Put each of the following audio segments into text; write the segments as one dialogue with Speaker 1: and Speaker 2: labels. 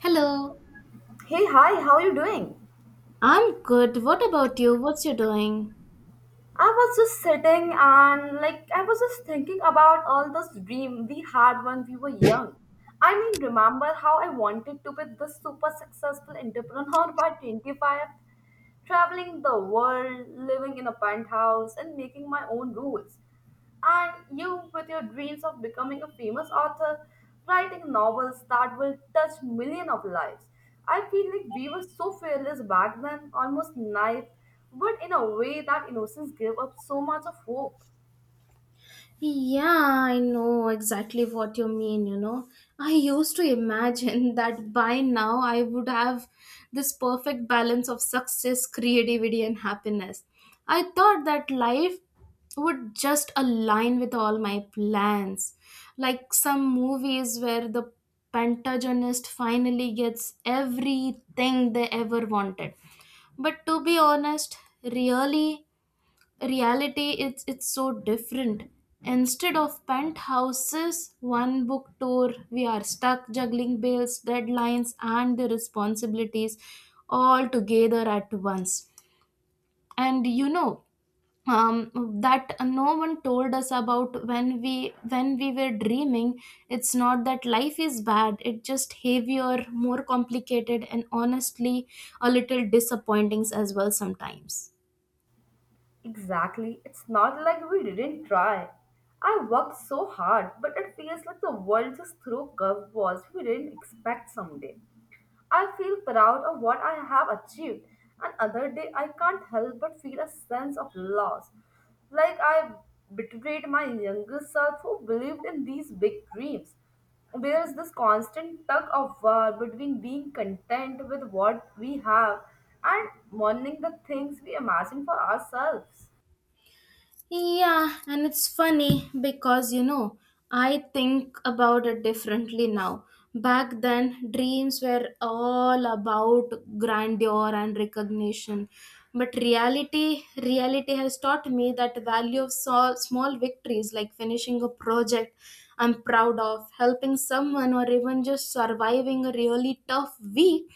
Speaker 1: Hello,
Speaker 2: Hey, hi, how are you doing?
Speaker 1: I'm good. What about you? What's you doing?
Speaker 2: I was just sitting and like I was just thinking about all this dream we had when we were young. I mean, remember how I wanted to be this super successful entrepreneur by 25, traveling the world, living in a penthouse, and making my own rules. And you, with your dreams of becoming a famous author, writing novels that will touch millions of lives. I feel like we were so fearless back then, almost naive, but in a way that innocence gave up so much of hope.
Speaker 1: Yeah, I know exactly what you mean, you know. I used to imagine that by now I would have this perfect balance of success, creativity, and happiness. I thought that life would just align with all my plans. Like some movies where the pentagonist finally gets everything they ever wanted. But to be honest, really, reality it's so different. Instead of penthouses one book tour, we are stuck juggling bills, deadlines, and the responsibilities all together at once. And you know um, that no one told us about when we were dreaming. It's not that life is bad, it's just heavier, more complicated, and honestly a little disappointing as well sometimes.
Speaker 2: Exactly, it's not like we didn't try. I worked so hard, but it feels like the world just threw curveballs we didn't expect someday. I feel proud of what I have achieved, and other day I can't help but feel a sense of loss, like I betrayed my younger self who believed in these big dreams. There is this constant tug of war between being content with what we have and mourning the things we imagine for ourselves.
Speaker 1: Yeah, and it's funny because I think about it differently now. Back then, dreams were all about grandeur and recognition. But reality has taught me that value of small victories like finishing a project I'm proud of, helping someone, or even just surviving a really tough week.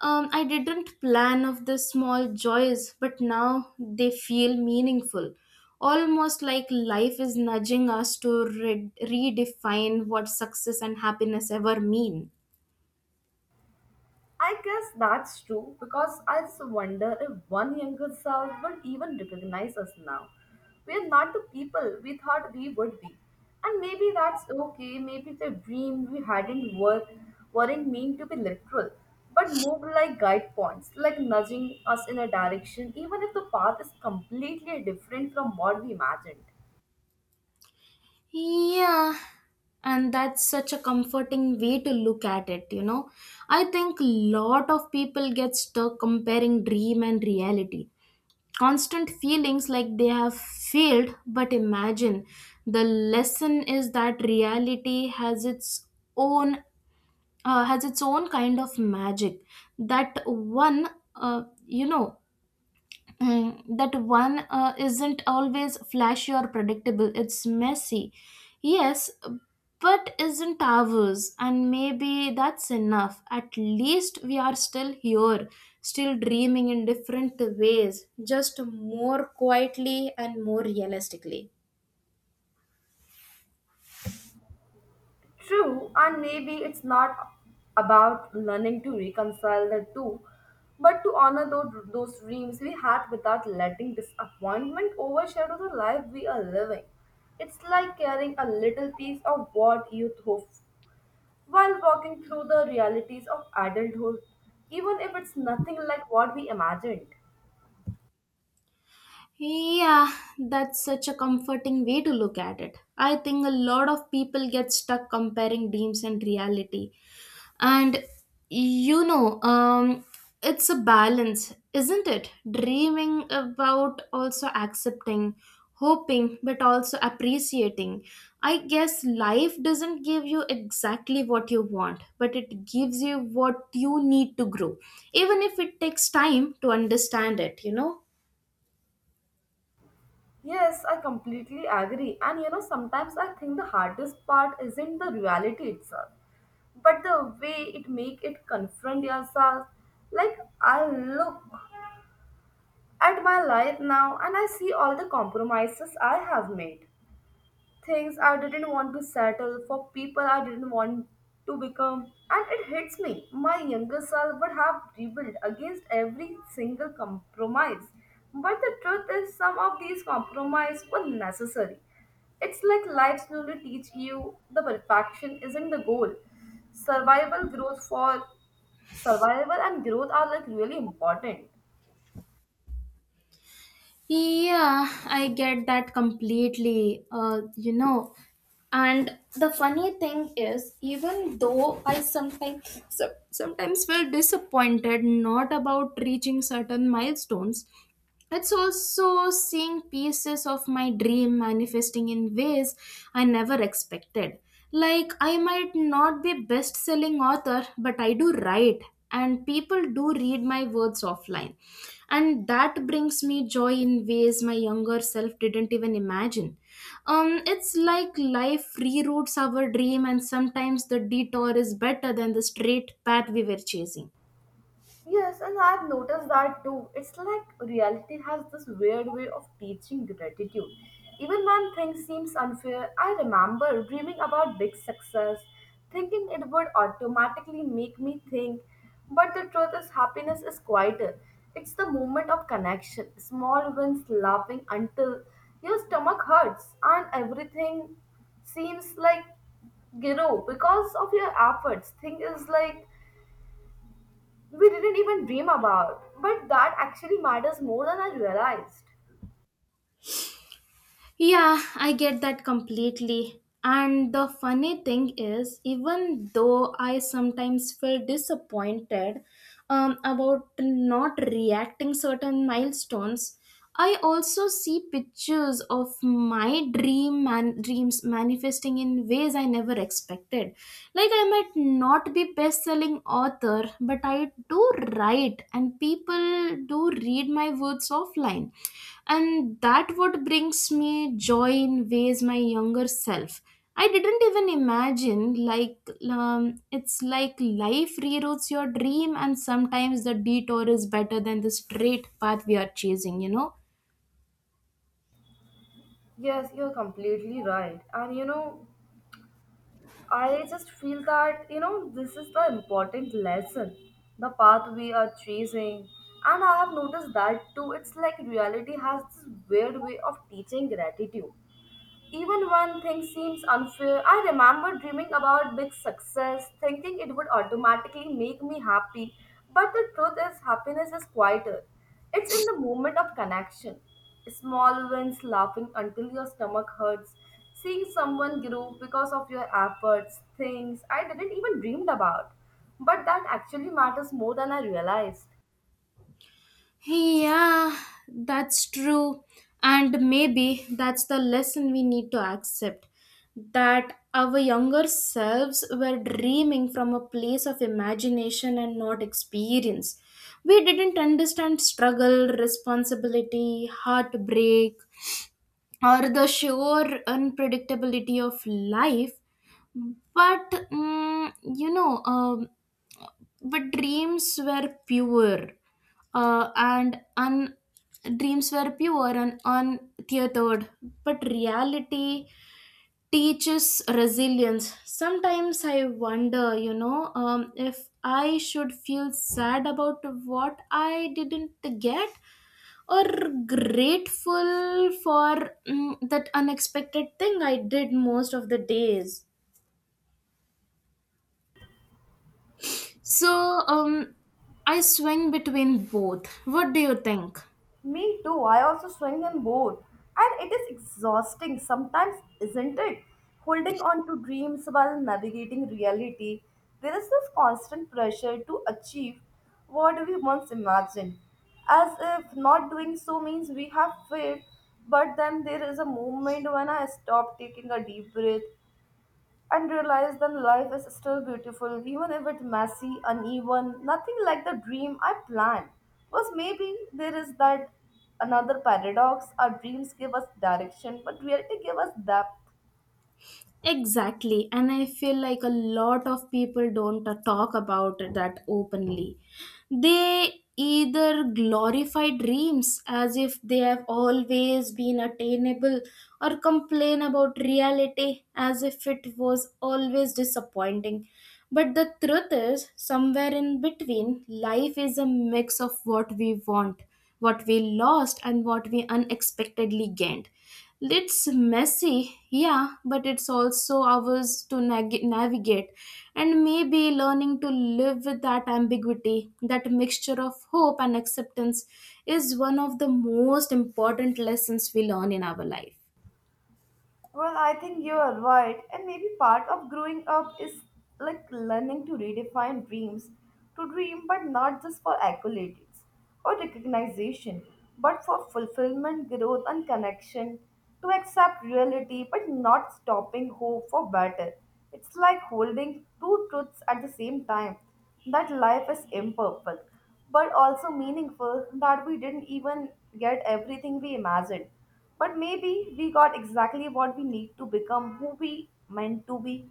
Speaker 1: I didn't plan of the small joys, but now they feel meaningful. Almost like life is nudging us to redefine what success and happiness ever mean.
Speaker 2: I guess that's true because I just wonder if one younger self would even recognize us now. We are not the people we thought we would be. And maybe that's okay, maybe the dream we had in work weren't meant to be literal, but moved like guide points, like nudging us in a direction, even if the path is completely different from what we imagined.
Speaker 1: Yeah, and that's such a comforting way to look at it, you know. I think lot of people get stuck comparing dream and reality. Constant feelings like they have failed, but imagine the lesson is that reality own has its own kind of magic, that one you know Mm, that one isn't always flashy or predictable. It's messy. Yes, but isn't ours. And maybe that's enough. At least we are still here, still dreaming in different ways, just more quietly and more realistically.
Speaker 2: True, and maybe it's not about learning to reconcile the two, but to honor those dreams we had without letting disappointment overshadow the life we are living. It's like carrying a little piece of what youth hopes while walking through the realities of adulthood, even if it's nothing like what we imagined.
Speaker 1: Yeah, that's such a comforting way to look at it. I think a lot of people get stuck comparing dreams and reality. And you know, um, it's a balance, isn't it? Dreaming about also accepting, hoping, but also appreciating. I guess life doesn't give you exactly what you want, but it gives you what you need to grow, even if it takes time to understand it, you know?
Speaker 2: Yes, I completely agree. And you know, sometimes I think the hardest part isn't the reality itself, but the way it make it confront yourself. Like I look at my life now and I see all the compromises I have made things I didn't want to settle, for people I didn't want to become. And it hits me. My younger self would have rebelled against every single compromise. But the truth is, some of these compromises were necessary. It's like life slowly teach you the perfection isn't the goal. Survival growth for survival and growth are like really important.
Speaker 1: Yeah, I get that completely. You know, and the funny thing is, even though I sometimes feel disappointed not about reaching certain milestones, it's also seeing pieces of my dream manifesting in ways I never expected. Like, I might not be best selling author, but I do write, and people do read my words offline. And that brings me joy in ways my younger self didn't even imagine. It's like life reroutes our dream, and sometimes the detour is better than the straight path we were chasing.
Speaker 2: Yes, and I've noticed that too. It's like reality has this weird way of teaching gratitude. Even when things seems unfair, I remember dreaming about big success, thinking it would automatically make me think. But the truth is happiness is quieter. It's the moment of connection, small wins laughing until your stomach hurts and everything seems like grow because of your efforts. Thing is like we didn't even dream about. But that actually matters more than I realized.
Speaker 1: Yeah, I get that completely. And the funny thing is, even though I sometimes feel disappointed, about not reacting certain milestones, I also see pictures of my dreams manifesting in ways I never expected. Like I might not be best-selling author, but I do write, and people do read my words offline, and that what brings me joy in ways my younger self. I didn't even imagine. It's like life reroutes your dream, and sometimes the detour is better than the straight path we are chasing, you know.
Speaker 2: Yes, you're completely right. And you know, I just feel that, you know, this is the important lesson, the path we are chasing. And I have noticed that too. It's like reality has this weird way of teaching gratitude. Even when things seems unfair, I remember dreaming about big success, thinking it would automatically make me happy. But the truth is, happiness is quieter. It's in the moment of connection. Small wins, laughing until your stomach hurts, seeing someone grow because of your efforts, things I didn't even dreamed about. But that actually matters more than I realized.
Speaker 1: Yeah, that's true. And maybe that's the lesson we need to accept, that our younger selves were dreaming from a place of imagination and not experience. We didn't understand struggle, responsibility, heartbreak, or the sure unpredictability of life. But mm, you know, But uh, and un- dreams were pure and untethered, but reality teaches resilience. Sometimes I wonder, if I should feel sad about what I didn't get, or grateful for that unexpected thing I did most of the days. So, um, I swing between both. What do you think?
Speaker 2: Me too. I also swing and both. And it is exhausting sometimes, isn't it? Holding on to dreams while navigating reality. There is this constant pressure to achieve what we once imagined. As if not doing so means we have failed. But then there is a moment when I stop taking a deep breath and realize that life is still beautiful, even if it's messy, uneven, nothing like the dream I planned. Was maybe there is that another paradox our dreams give us direction, but reality give us depth.
Speaker 1: Exactly. And I feel like a lot of people don't talk about that openly. They either glorify dreams as if they have always been attainable, or complain about reality as if it was always disappointing. But the truth is, somewhere in between, life is a mix of what we want, what we lost, and what we unexpectedly gained. It's messy, yeah, but it's also ours to navigate. And maybe learning to live with that ambiguity, that mixture of hope and acceptance, is one of the most important lessons we learn in our life.
Speaker 2: Well, I think you are right. And maybe part of growing up is like learning to redefine dreams, to dream, but not just for accolades or recognition, but for fulfillment, growth, and connection, to accept reality, but not stopping hope for better. It's like holding two truths at the same time that life is imperfect, but also meaningful, that we didn't even get everything we imagined but maybe we got exactly what we need to become who we meant to be.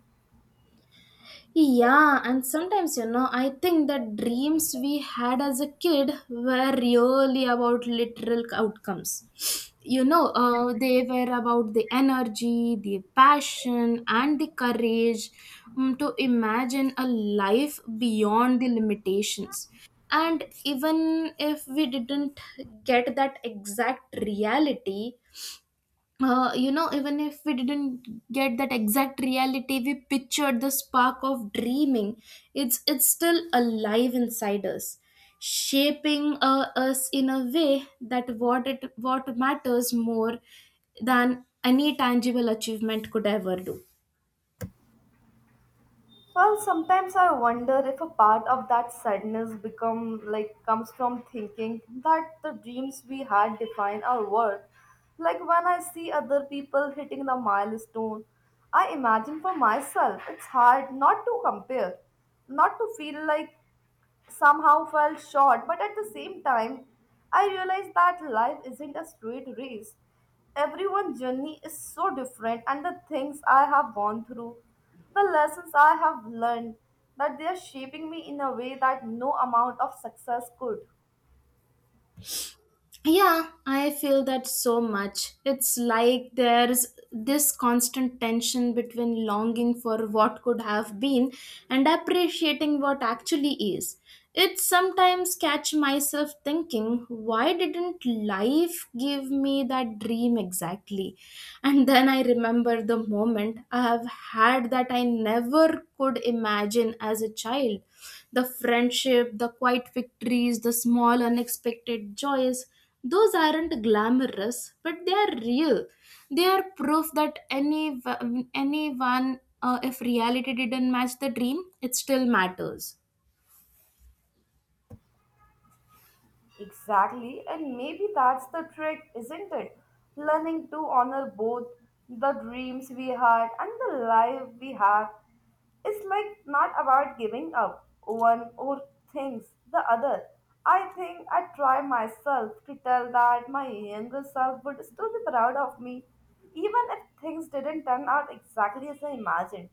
Speaker 1: Yeah, and sometimes, you know, I think the dreams we had as a kid were really about literal outcomes. You know, they were about the energy, the passion, and the courage to imagine a life beyond the limitations. And even if we didn't get that exact reality, you know, even if we didn't get that exact reality, we pictured the spark of dreaming. It's still alive inside us, shaping us in a way that what it what matters more than any tangible achievement could ever do.
Speaker 2: Well, sometimes I wonder if a part of that sadness become like comes from thinking that the dreams we had define our worth. Like when I see other people hitting the milestone, I imagine for myself it's hard not to compare, not to feel like somehow felt short, but at the same time, I realized that life isn't a straight race. Everyone's journey is so different, and the things I have gone through, the lessons I have learned, that they are shaping me in a way that no amount of success could.
Speaker 1: Yeah, I feel that so much. It's like there's this constant tension between longing for what could have been and appreciating what actually is. It sometimes catch myself thinking, why didn't life give me that dream exactly? And then I remember the moment I have had that I never could imagine as a child, the friendship, the quiet victories, the small unexpected joys. Those aren't glamorous, but they are real. They are proof that anyone, if reality didn't match the dream, it still matters.
Speaker 2: Exactly, and maybe that's the trick, isn't it? Learning to honor both the dreams we had and the life we have. It's like not about giving up one or things the other. I think I try myself to tell that my younger self would still be proud of me, even if things didn't turn out exactly as I imagined.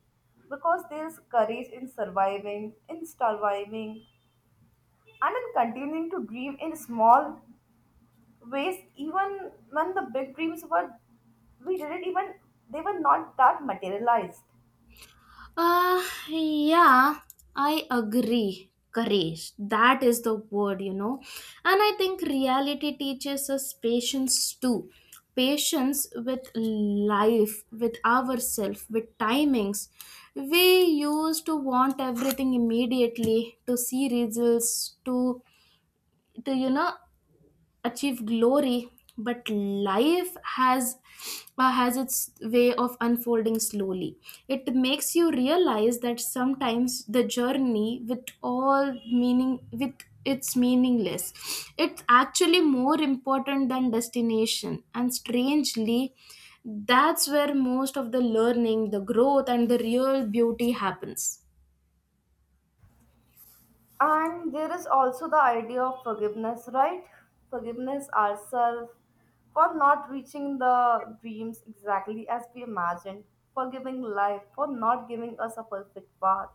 Speaker 2: Because there's courage in surviving, and in continuing to dream in small ways even when the big dreams were we didn't even they were not that materialized.
Speaker 1: Uh, yeah, I agree. Courage. That is the word, you know. And I think reality teaches us patience too. Patience with life, with ourselves, with timings. We used to want everything immediately, to see results, to achieve glory, but life has its way of unfolding slowly. It makes you realize that sometimes the journey with all meaning with it's meaningless, it's actually more important than destination. And strangely, that's where most of the learning, the growth, and the real beauty happens.
Speaker 2: And there is also the idea of forgiveness, right? Forgiveness ourselves for not reaching the dreams exactly as we imagined, forgiving life for not giving us a perfect path.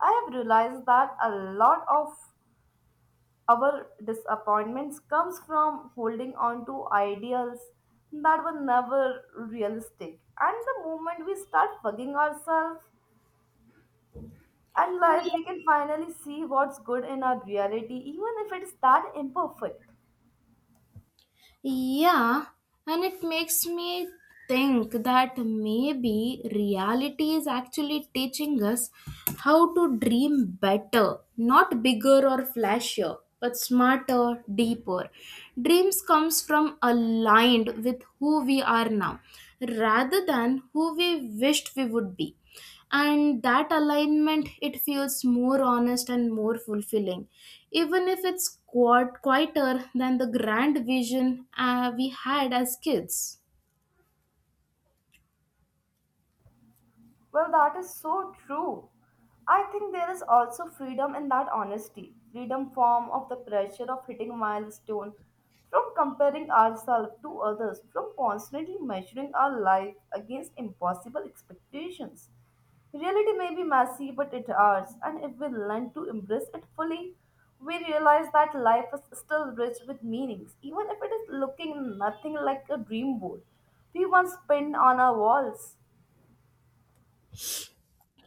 Speaker 2: I have realized that a lot of our disappointments comes from holding on to ideals that were never realistic. And the moment we start bugging ourselves and life, we can finally see what's good in our reality, even if it's that imperfect.
Speaker 1: Yeah, and it makes me think that maybe reality is actually teaching us how to dream better, not bigger or flashier, but smarter, deeper. Dreams comes from aligned with who we are now rather than who we wished we would be, and that alignment, it feels more honest and more fulfilling, even if it's quite quieter than the grand vision we had as kids.
Speaker 2: Well, that is so true. I think there is also freedom in that honesty, freedom from of the pressure of hitting milestone, from comparing ourselves to others, from constantly measuring our life against impossible expectations. Reality may be messy, but it ours, and if we learn to embrace it fully, we realize that life is still rich with meanings, even if it is looking nothing like a dream board we once pinned on our walls.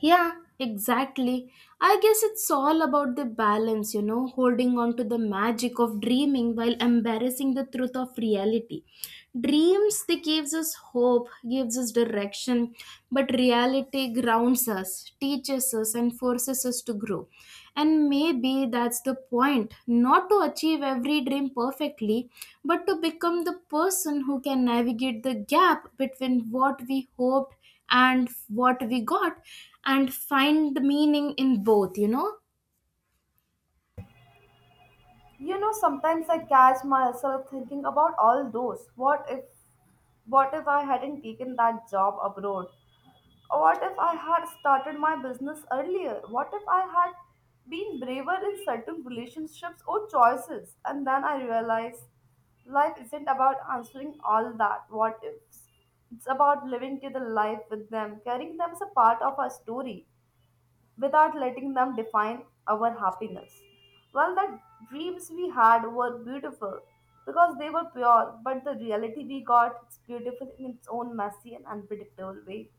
Speaker 1: Yeah, exactly. I guess it's all about the balance, you know, holding on to the magic of dreaming while embarrassing the truth of reality. Dreams, they gives us hope, gives us direction, but reality grounds us, teaches us, and forces us to grow. And maybe that's the point, not to achieve every dream perfectly, but to become the person who can navigate the gap between what we hoped and what we got, and find the meaning in both, you know.
Speaker 2: You know, sometimes I catch myself thinking about all those. What if I hadn't taken that job abroad? What if I had started my business earlier? What if I had been braver in certain relationships or choices? And then I realize life isn't about answering all that what ifs. It's about living to the life with them, carrying them as a part of our story without letting them define our happiness. Well, the dreams we had were beautiful because they were pure, but the reality we got is beautiful in its own messy and unpredictable way.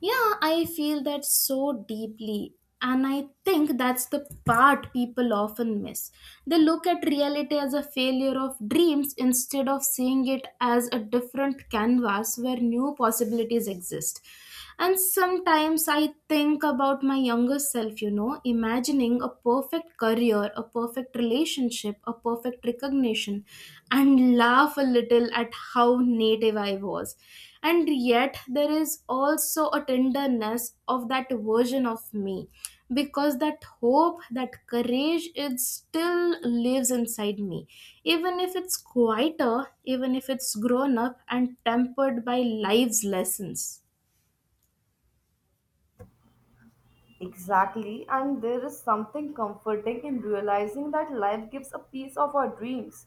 Speaker 1: Yeah, I feel that so deeply. And I think that's the part people often miss. They look at reality as a failure of dreams instead of seeing it as a different canvas where new possibilities exist. And sometimes I think about my younger self, you know, imagining a perfect career, a perfect relationship, a perfect recognition, and laugh a little at how native I was. And yet there is also a tenderness of that version of me, because that hope, that courage, it still lives inside me, even if it's quieter, even if it's grown up and tempered by life's lessons.
Speaker 2: Exactly, and there is something comforting in realizing that life gives a piece of our dreams.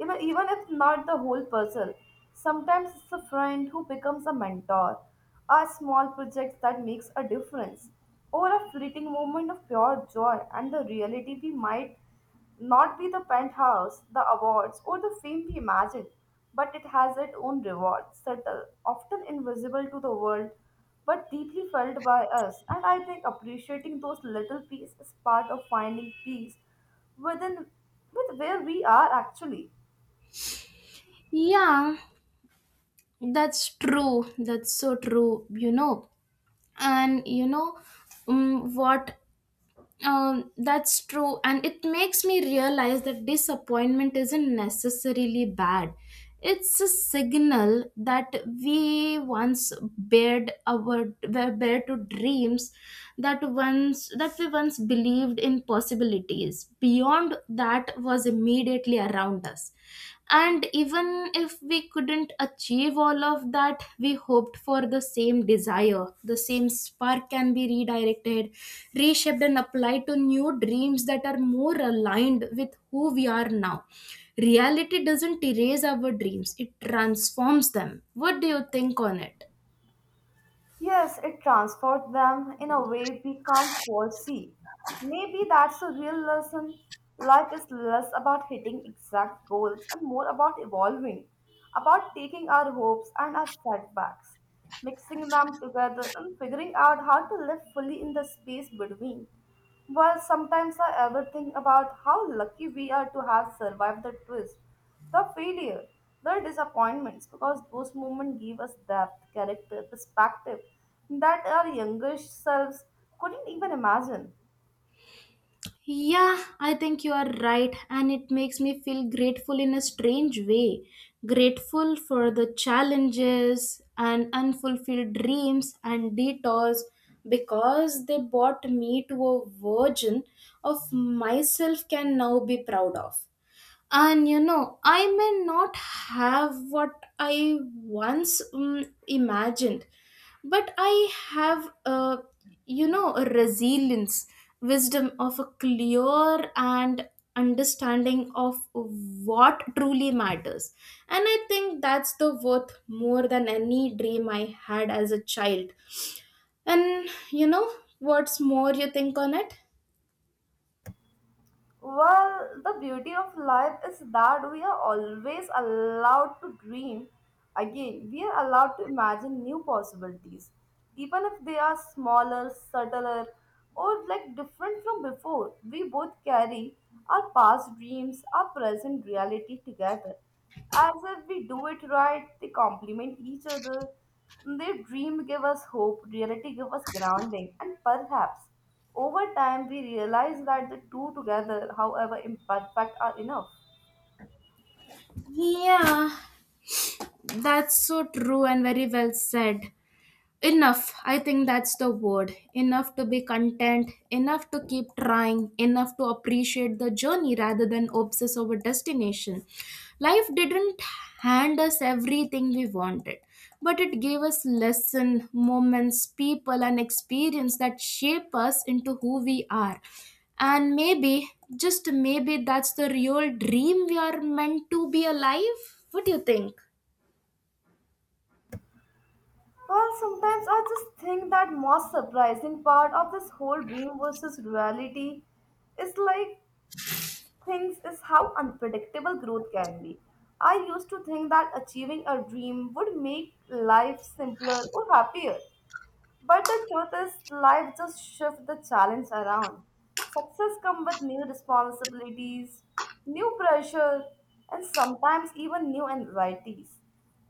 Speaker 2: You know, even if not the whole puzzle, sometimes it's a friend who becomes a mentor, a small project that makes a difference, or a fleeting moment of pure joy and the reality we might not be the penthouse, the awards, or the fame we imagine, but it has its own reward, subtle, often invisible to the world, but deeply felt by us. And I think appreciating those little pieces is part of finding peace within with where we are actually.
Speaker 1: Yeah, that's true. That's so true, you know. And you know what That's true, and it makes me realize that disappointment isn't necessarily bad. It's a signal that we once bared our were bare to dreams that once that we once believed in possibilities beyond that was immediately around us. And even if we couldn't achieve all of that we hoped for, the same desire, the same spark can be redirected, reshaped, and applied to new dreams that are more aligned with who we are now. Reality doesn't erase our dreams, it transforms them. What do you think on it?
Speaker 2: Yes, it transformed them in a way we can't foresee. Maybe that's the real lesson. Life is less about hitting exact goals and more about evolving, about taking our hopes and our setbacks, mixing them together, and figuring out how to live fully in the space between. Well, sometimes I ever think about how lucky we are to have survived the twist, the failure, the disappointments, because those moments give us depth, character, perspective that our younger selves couldn't even imagine.
Speaker 1: Yeah, I think you are right, and it makes me feel grateful in a strange way. Grateful for the challenges and unfulfilled dreams and detours, because they brought me to a version of myself can now be proud of. And you know, I may not have what I once imagined, but I have, a resilience, wisdom of a clear and understanding of what truly matters. And I think that's the worth more than any dream I had as a child. And you know, what's more you think on it.
Speaker 2: Well, the beauty of life is that we are always allowed to dream. Again, we are allowed to imagine new possibilities, even if they are smaller, subtler, or like different from before. We both carry our past dreams, our present reality together. As if we do it right, they complement each other. Their dream give us hope, reality give us grounding, and perhaps over time, we realize that the two together, however imperfect, are enough.
Speaker 1: Yeah, that's so true, and very well said. Enough, I think that's the word. Enough to be content, enough to keep trying, enough to appreciate the journey rather than obsess over destination. Life didn't hand us everything we wanted, but it gave us lessons, moments, people, and experience that shape us into who we are. And maybe, just maybe, that's the real dream. We are meant to be alive. What do you think?
Speaker 2: Well, sometimes I just think that most surprising part of this whole dream versus reality is like things is how unpredictable growth can be. I used to think that achieving a dream would make life simpler or happier. But the truth is, life just shifts the challenge around. Success comes with new responsibilities, new pressure, and sometimes even new anxieties.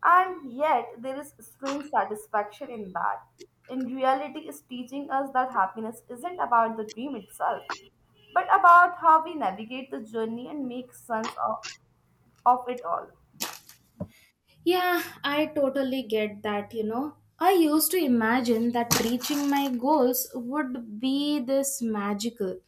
Speaker 2: And yet, there is strange satisfaction in that. In reality, is teaching us that happiness isn't about the dream itself, but about how we navigate the journey and make sense of it all.
Speaker 1: Yeah, I totally get that. I used to imagine that reaching my goals would be this magical,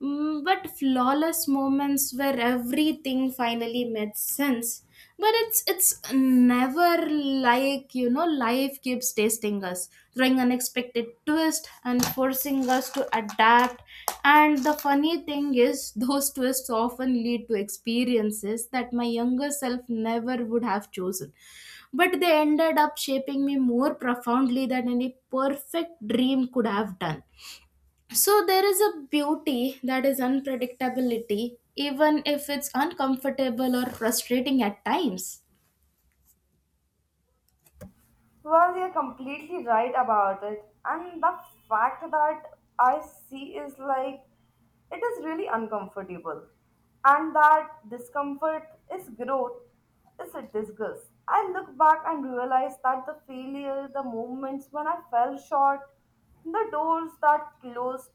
Speaker 1: But flawless moments where everything finally made sense. But it's never like, you know, life keeps testing us, throwing unexpected twist and forcing us to adapt. And the funny thing is, those twists often lead to experiences that my younger self never would have chosen, but they ended up shaping me more profoundly than any perfect dream could have done. So there is a beauty that is unpredictability, even if it's uncomfortable or frustrating at times.
Speaker 2: Well, you're completely right about it. And the fact that I see is like it is really uncomfortable. And that discomfort is growth, is a disgust. I look back and realize that the failure, the moments when I fell short, the doors that closed,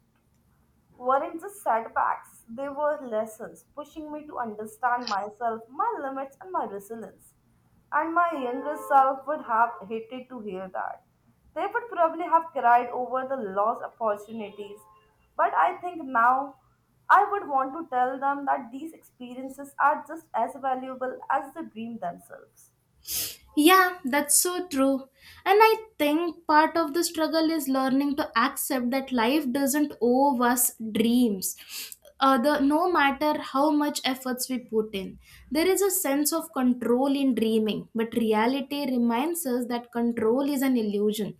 Speaker 2: weren't just setbacks, they were lessons pushing me to understand myself, my limits, and my resilience. And my younger self would have hated to hear that. They would probably have cried over the lost opportunities. But I think now I would want to tell them that these experiences are just as valuable as the dream themselves.
Speaker 1: Yeah, that's so true. And I think part of the struggle is learning to accept that life doesn't owe us dreams. No matter how much efforts we put in, there is a sense of control in dreaming, but reality reminds us that control is an illusion.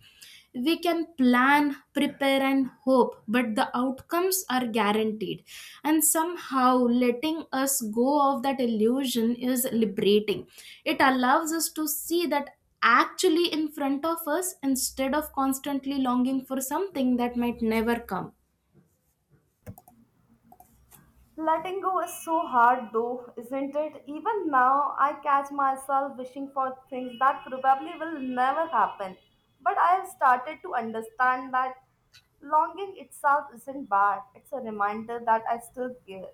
Speaker 1: We can plan, prepare, and hope, but the outcomes are guaranteed, and somehow letting us go of that illusion is liberating. It allows us to see that actually in front of us instead of constantly longing for something that might never come.
Speaker 2: Letting go is so hard though, isn't it? Even now, I catch myself wishing for things that probably will never happen. But I have started to understand that longing itself isn't bad. It's a reminder that I still care.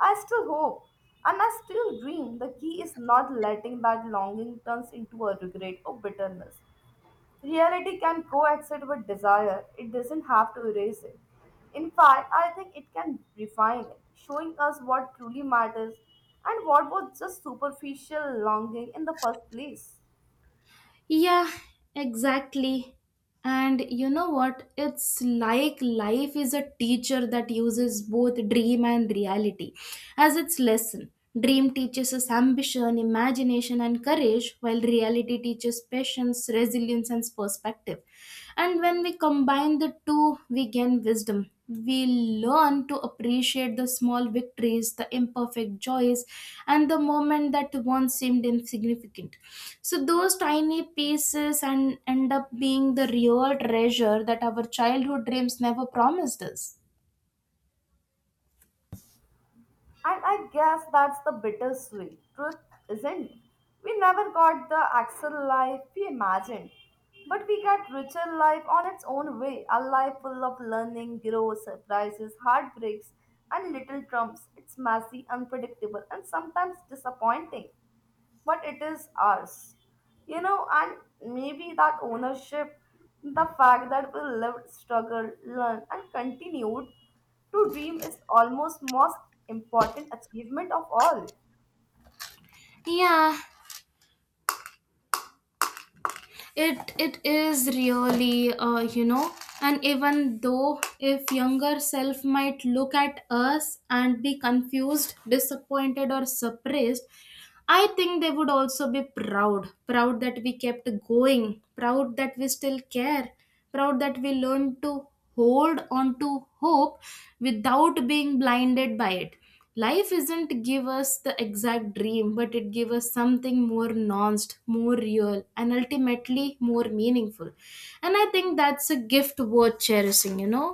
Speaker 2: I still hope. And I still dream. The key is not letting that longing turns into a regret or bitterness. Reality can coexist with desire, it doesn't have to erase it. In fact, I think it can refine it, showing us what truly matters and what was just superficial longing in the first place.
Speaker 1: Yeah, exactly. And you know what? It's like life is a teacher that uses both dream and reality as its lesson. Dream teaches us ambition, imagination, and courage, while reality teaches patience, resilience, and perspective. And when we combine the two, we gain wisdom. We learn to appreciate the small victories, the imperfect joys, and the moment that once seemed insignificant. So those tiny pieces and end up being the real treasure that our childhood dreams never promised us.
Speaker 2: And I guess that's the bittersweet truth, isn't it? We never got the actual life we imagined, but we got richer life on its own way, a life full of learning, growth, surprises, heartbreaks, and little trumps. It's messy, unpredictable, and sometimes disappointing but it is ours. You know, and maybe that ownership, the fact that we lived, struggled, learned, and continued to dream is almost most important achievement of all.
Speaker 1: Yeah, it is really you know, and even though if younger self might look at us and be confused, disappointed, or suppressed, I think they would also be proud that we kept going, proud that we still care, proud that we learned to hold on to hope without being blinded by it. Life isn't give us the exact dream, but it give us something more nuanced, more real, and ultimately more meaningful. And I think that's a gift worth cherishing, you know.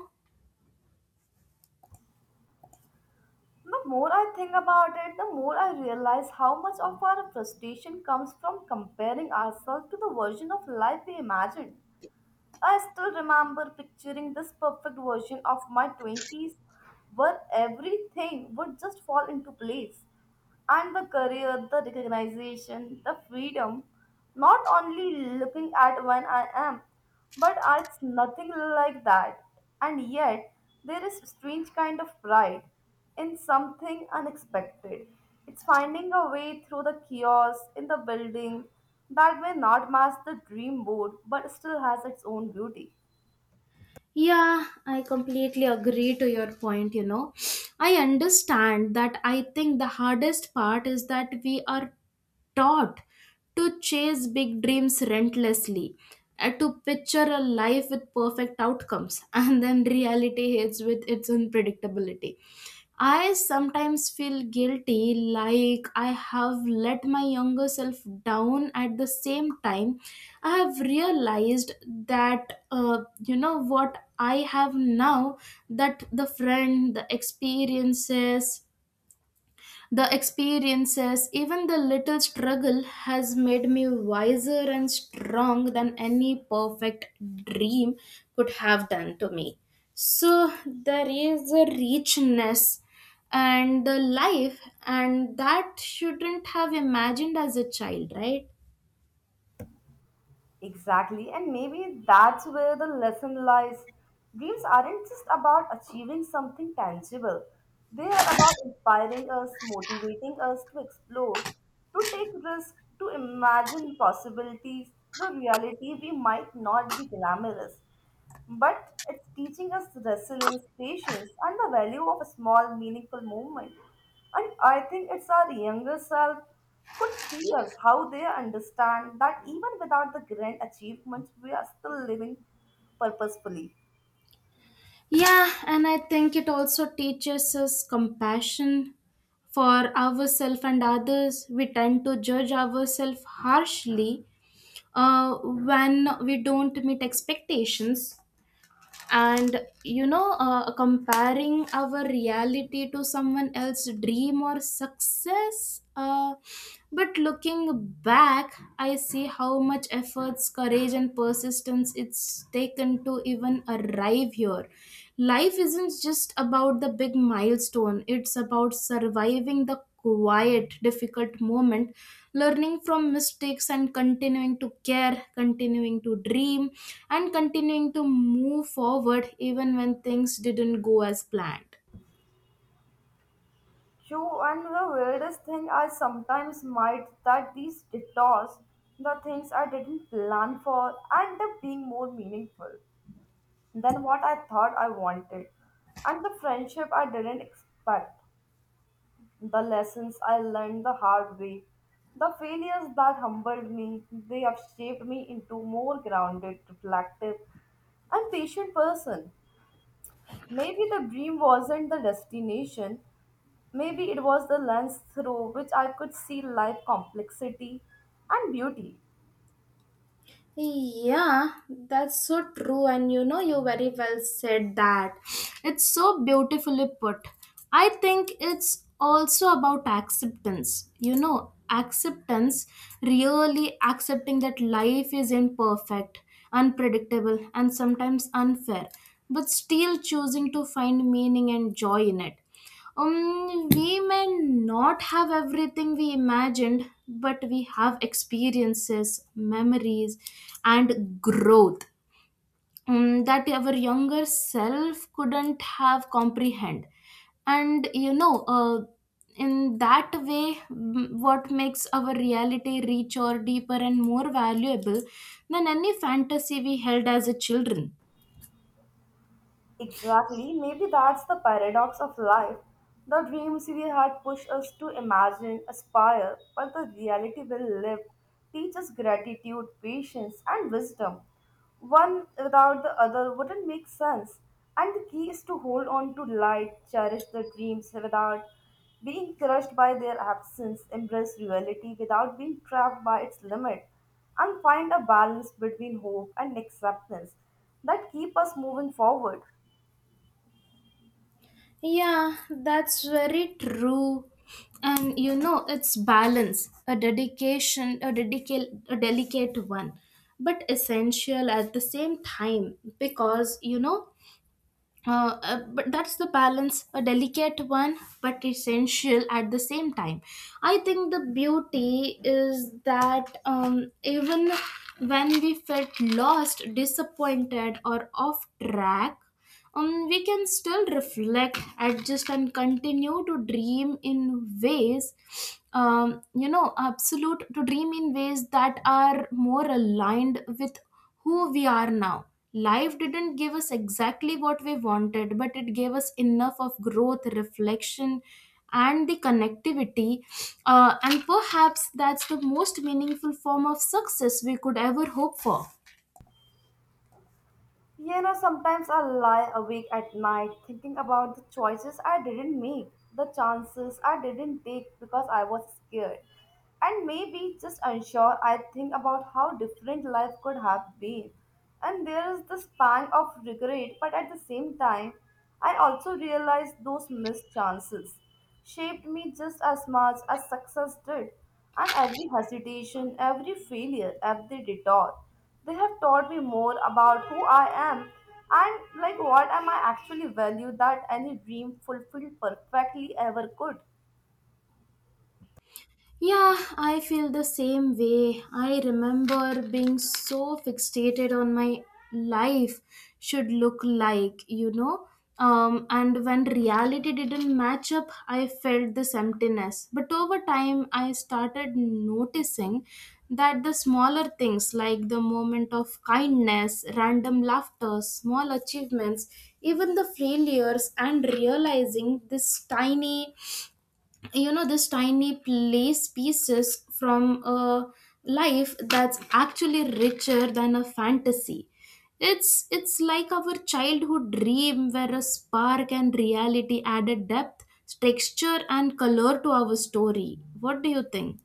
Speaker 2: The more I think about it, the more I realize how much of our frustration comes from comparing ourselves to the version of life we imagined. I still remember picturing this perfect version of my 20s where everything would just fall into place. And the career, the recognition, the freedom, not only looking at when I am, but it's nothing like that. And yet, there is a strange kind of pride in something unexpected. It's finding a way through the chaos in the building that may not match the dream board but still has its own beauty.
Speaker 1: Yeah, I completely agree to your point, you know. I understand that. I think the hardest part is that we are taught to chase big dreams relentlessly and to picture a life with perfect outcomes, and then reality hits with its unpredictability. I sometimes feel guilty, like I have let my younger self down. At the same time, I have realized that, you know, what I have now, that the friend, the experiences, even the little struggle, has made me wiser and strong than any perfect dream could have done to me. So there is a richness and the life, and that shouldn't have imagined as a child, right?
Speaker 2: Exactly, and maybe that's where the lesson lies. Dreams aren't just about achieving something tangible, they are about inspiring us, motivating us to explore, to take risks, to imagine possibilities, the reality we might not be glamorous, but it's teaching us resilience, patience, and the value of a small, meaningful movement. And I think it's our younger self could see us how they understand that even without the grand achievements, we are still living purposefully.
Speaker 1: Yeah, and I think it also teaches us compassion for ourselves and others. We tend to judge ourselves harshly when we don't meet expectations, and you know, comparing our reality to someone else's dream or success, but looking back, I see how much efforts, courage, and persistence it's taken to even arrive here. Life isn't just about the big milestone. It's about surviving the quiet, difficult moment, learning from mistakes, and continuing to care, continuing to dream, and continuing to move forward even when things didn't go as planned.
Speaker 2: True, and the weirdest thing I sometimes might that these detours, the things I didn't plan for, end up being more meaningful than what I thought I wanted, and the friendship I didn't expect. The lessons I learned the hard way, the failures that humbled me, they have shaped me into more grounded, reflective, and patient person. Maybe the dream wasn't the destination, maybe it was the lens through which I could see life complexity and beauty.
Speaker 1: Yeah, that's so true, and you know, you very well said that. It's so beautifully put. I think it's also about acceptance. You know, acceptance, really accepting that life is imperfect, unpredictable, and sometimes unfair, but still choosing to find meaning and joy in it. We may not have everything we imagined, but we have experiences, memories, and growth, that our younger self couldn't have comprehend. And you know, in that way, what makes our reality richer, deeper, and more valuable than any fantasy we held as a children.
Speaker 2: Exactly. Maybe that's the paradox of life. The dreams we had push us to imagine, aspire, but the reality we live teach us gratitude, patience, and wisdom. One without the other wouldn't make sense. And the key is to hold on to light, cherish the dreams without being crushed by their absence, embrace reality without being trapped by its limit, and find a balance between hope and acceptance that keep us moving forward.
Speaker 1: Yeah, that's very true. And you know, it's balance, a dedication, a delicate one, but essential at the same time, because you know, but that's the balance, a delicate one, but essential at the same time. I think the beauty is that, even when we felt lost, disappointed, or off track, we can still reflect, adjust, and continue to dream in ways, you know absolute to dream in ways that are more aligned with who we are now. Life didn't give us exactly what we wanted, but it gave us enough of growth, reflection, and the connectivity. And perhaps that's the most meaningful form of success we could ever hope for.
Speaker 2: You know, sometimes I lie awake at night thinking about the choices I didn't make, the chances I didn't take because I was scared, and maybe just unsure. I think about how different life could have been, and there is this pang of regret, but at the same time, I also realize those missed chances shaped me just as much as success did, and every hesitation, every failure, every detour. They have taught me more about who I am and like what am I actually value that any dream fulfilled perfectly ever could.
Speaker 1: Yeah, I feel the same way. I remember being so fixated on my life should look like, you know. And when reality didn't match up, I felt this emptiness. But over time, I started noticing that the smaller things, like the moment of kindness, random laughter, small achievements, even the failures, and realizing this tiny, you know this tiny place pieces from a life that's actually richer than a fantasy. It's like our childhood dream where a spark and reality added depth, texture, and color to our story. What do you think?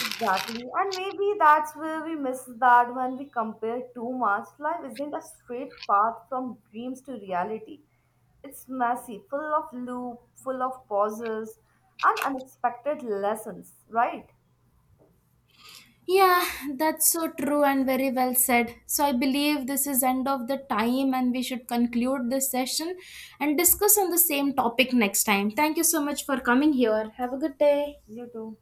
Speaker 2: Exactly. And maybe that's where we miss that when we compare too much. Life isn't a straight path from dreams to reality. It's messy, full of loop, full of pauses and unexpected lessons, right?
Speaker 1: Yeah, that's so true and very well said. So I believe this is end of the time, and we should conclude this session and discuss on the same topic next time. Thank you so much for coming here. Have a good day.
Speaker 2: You too.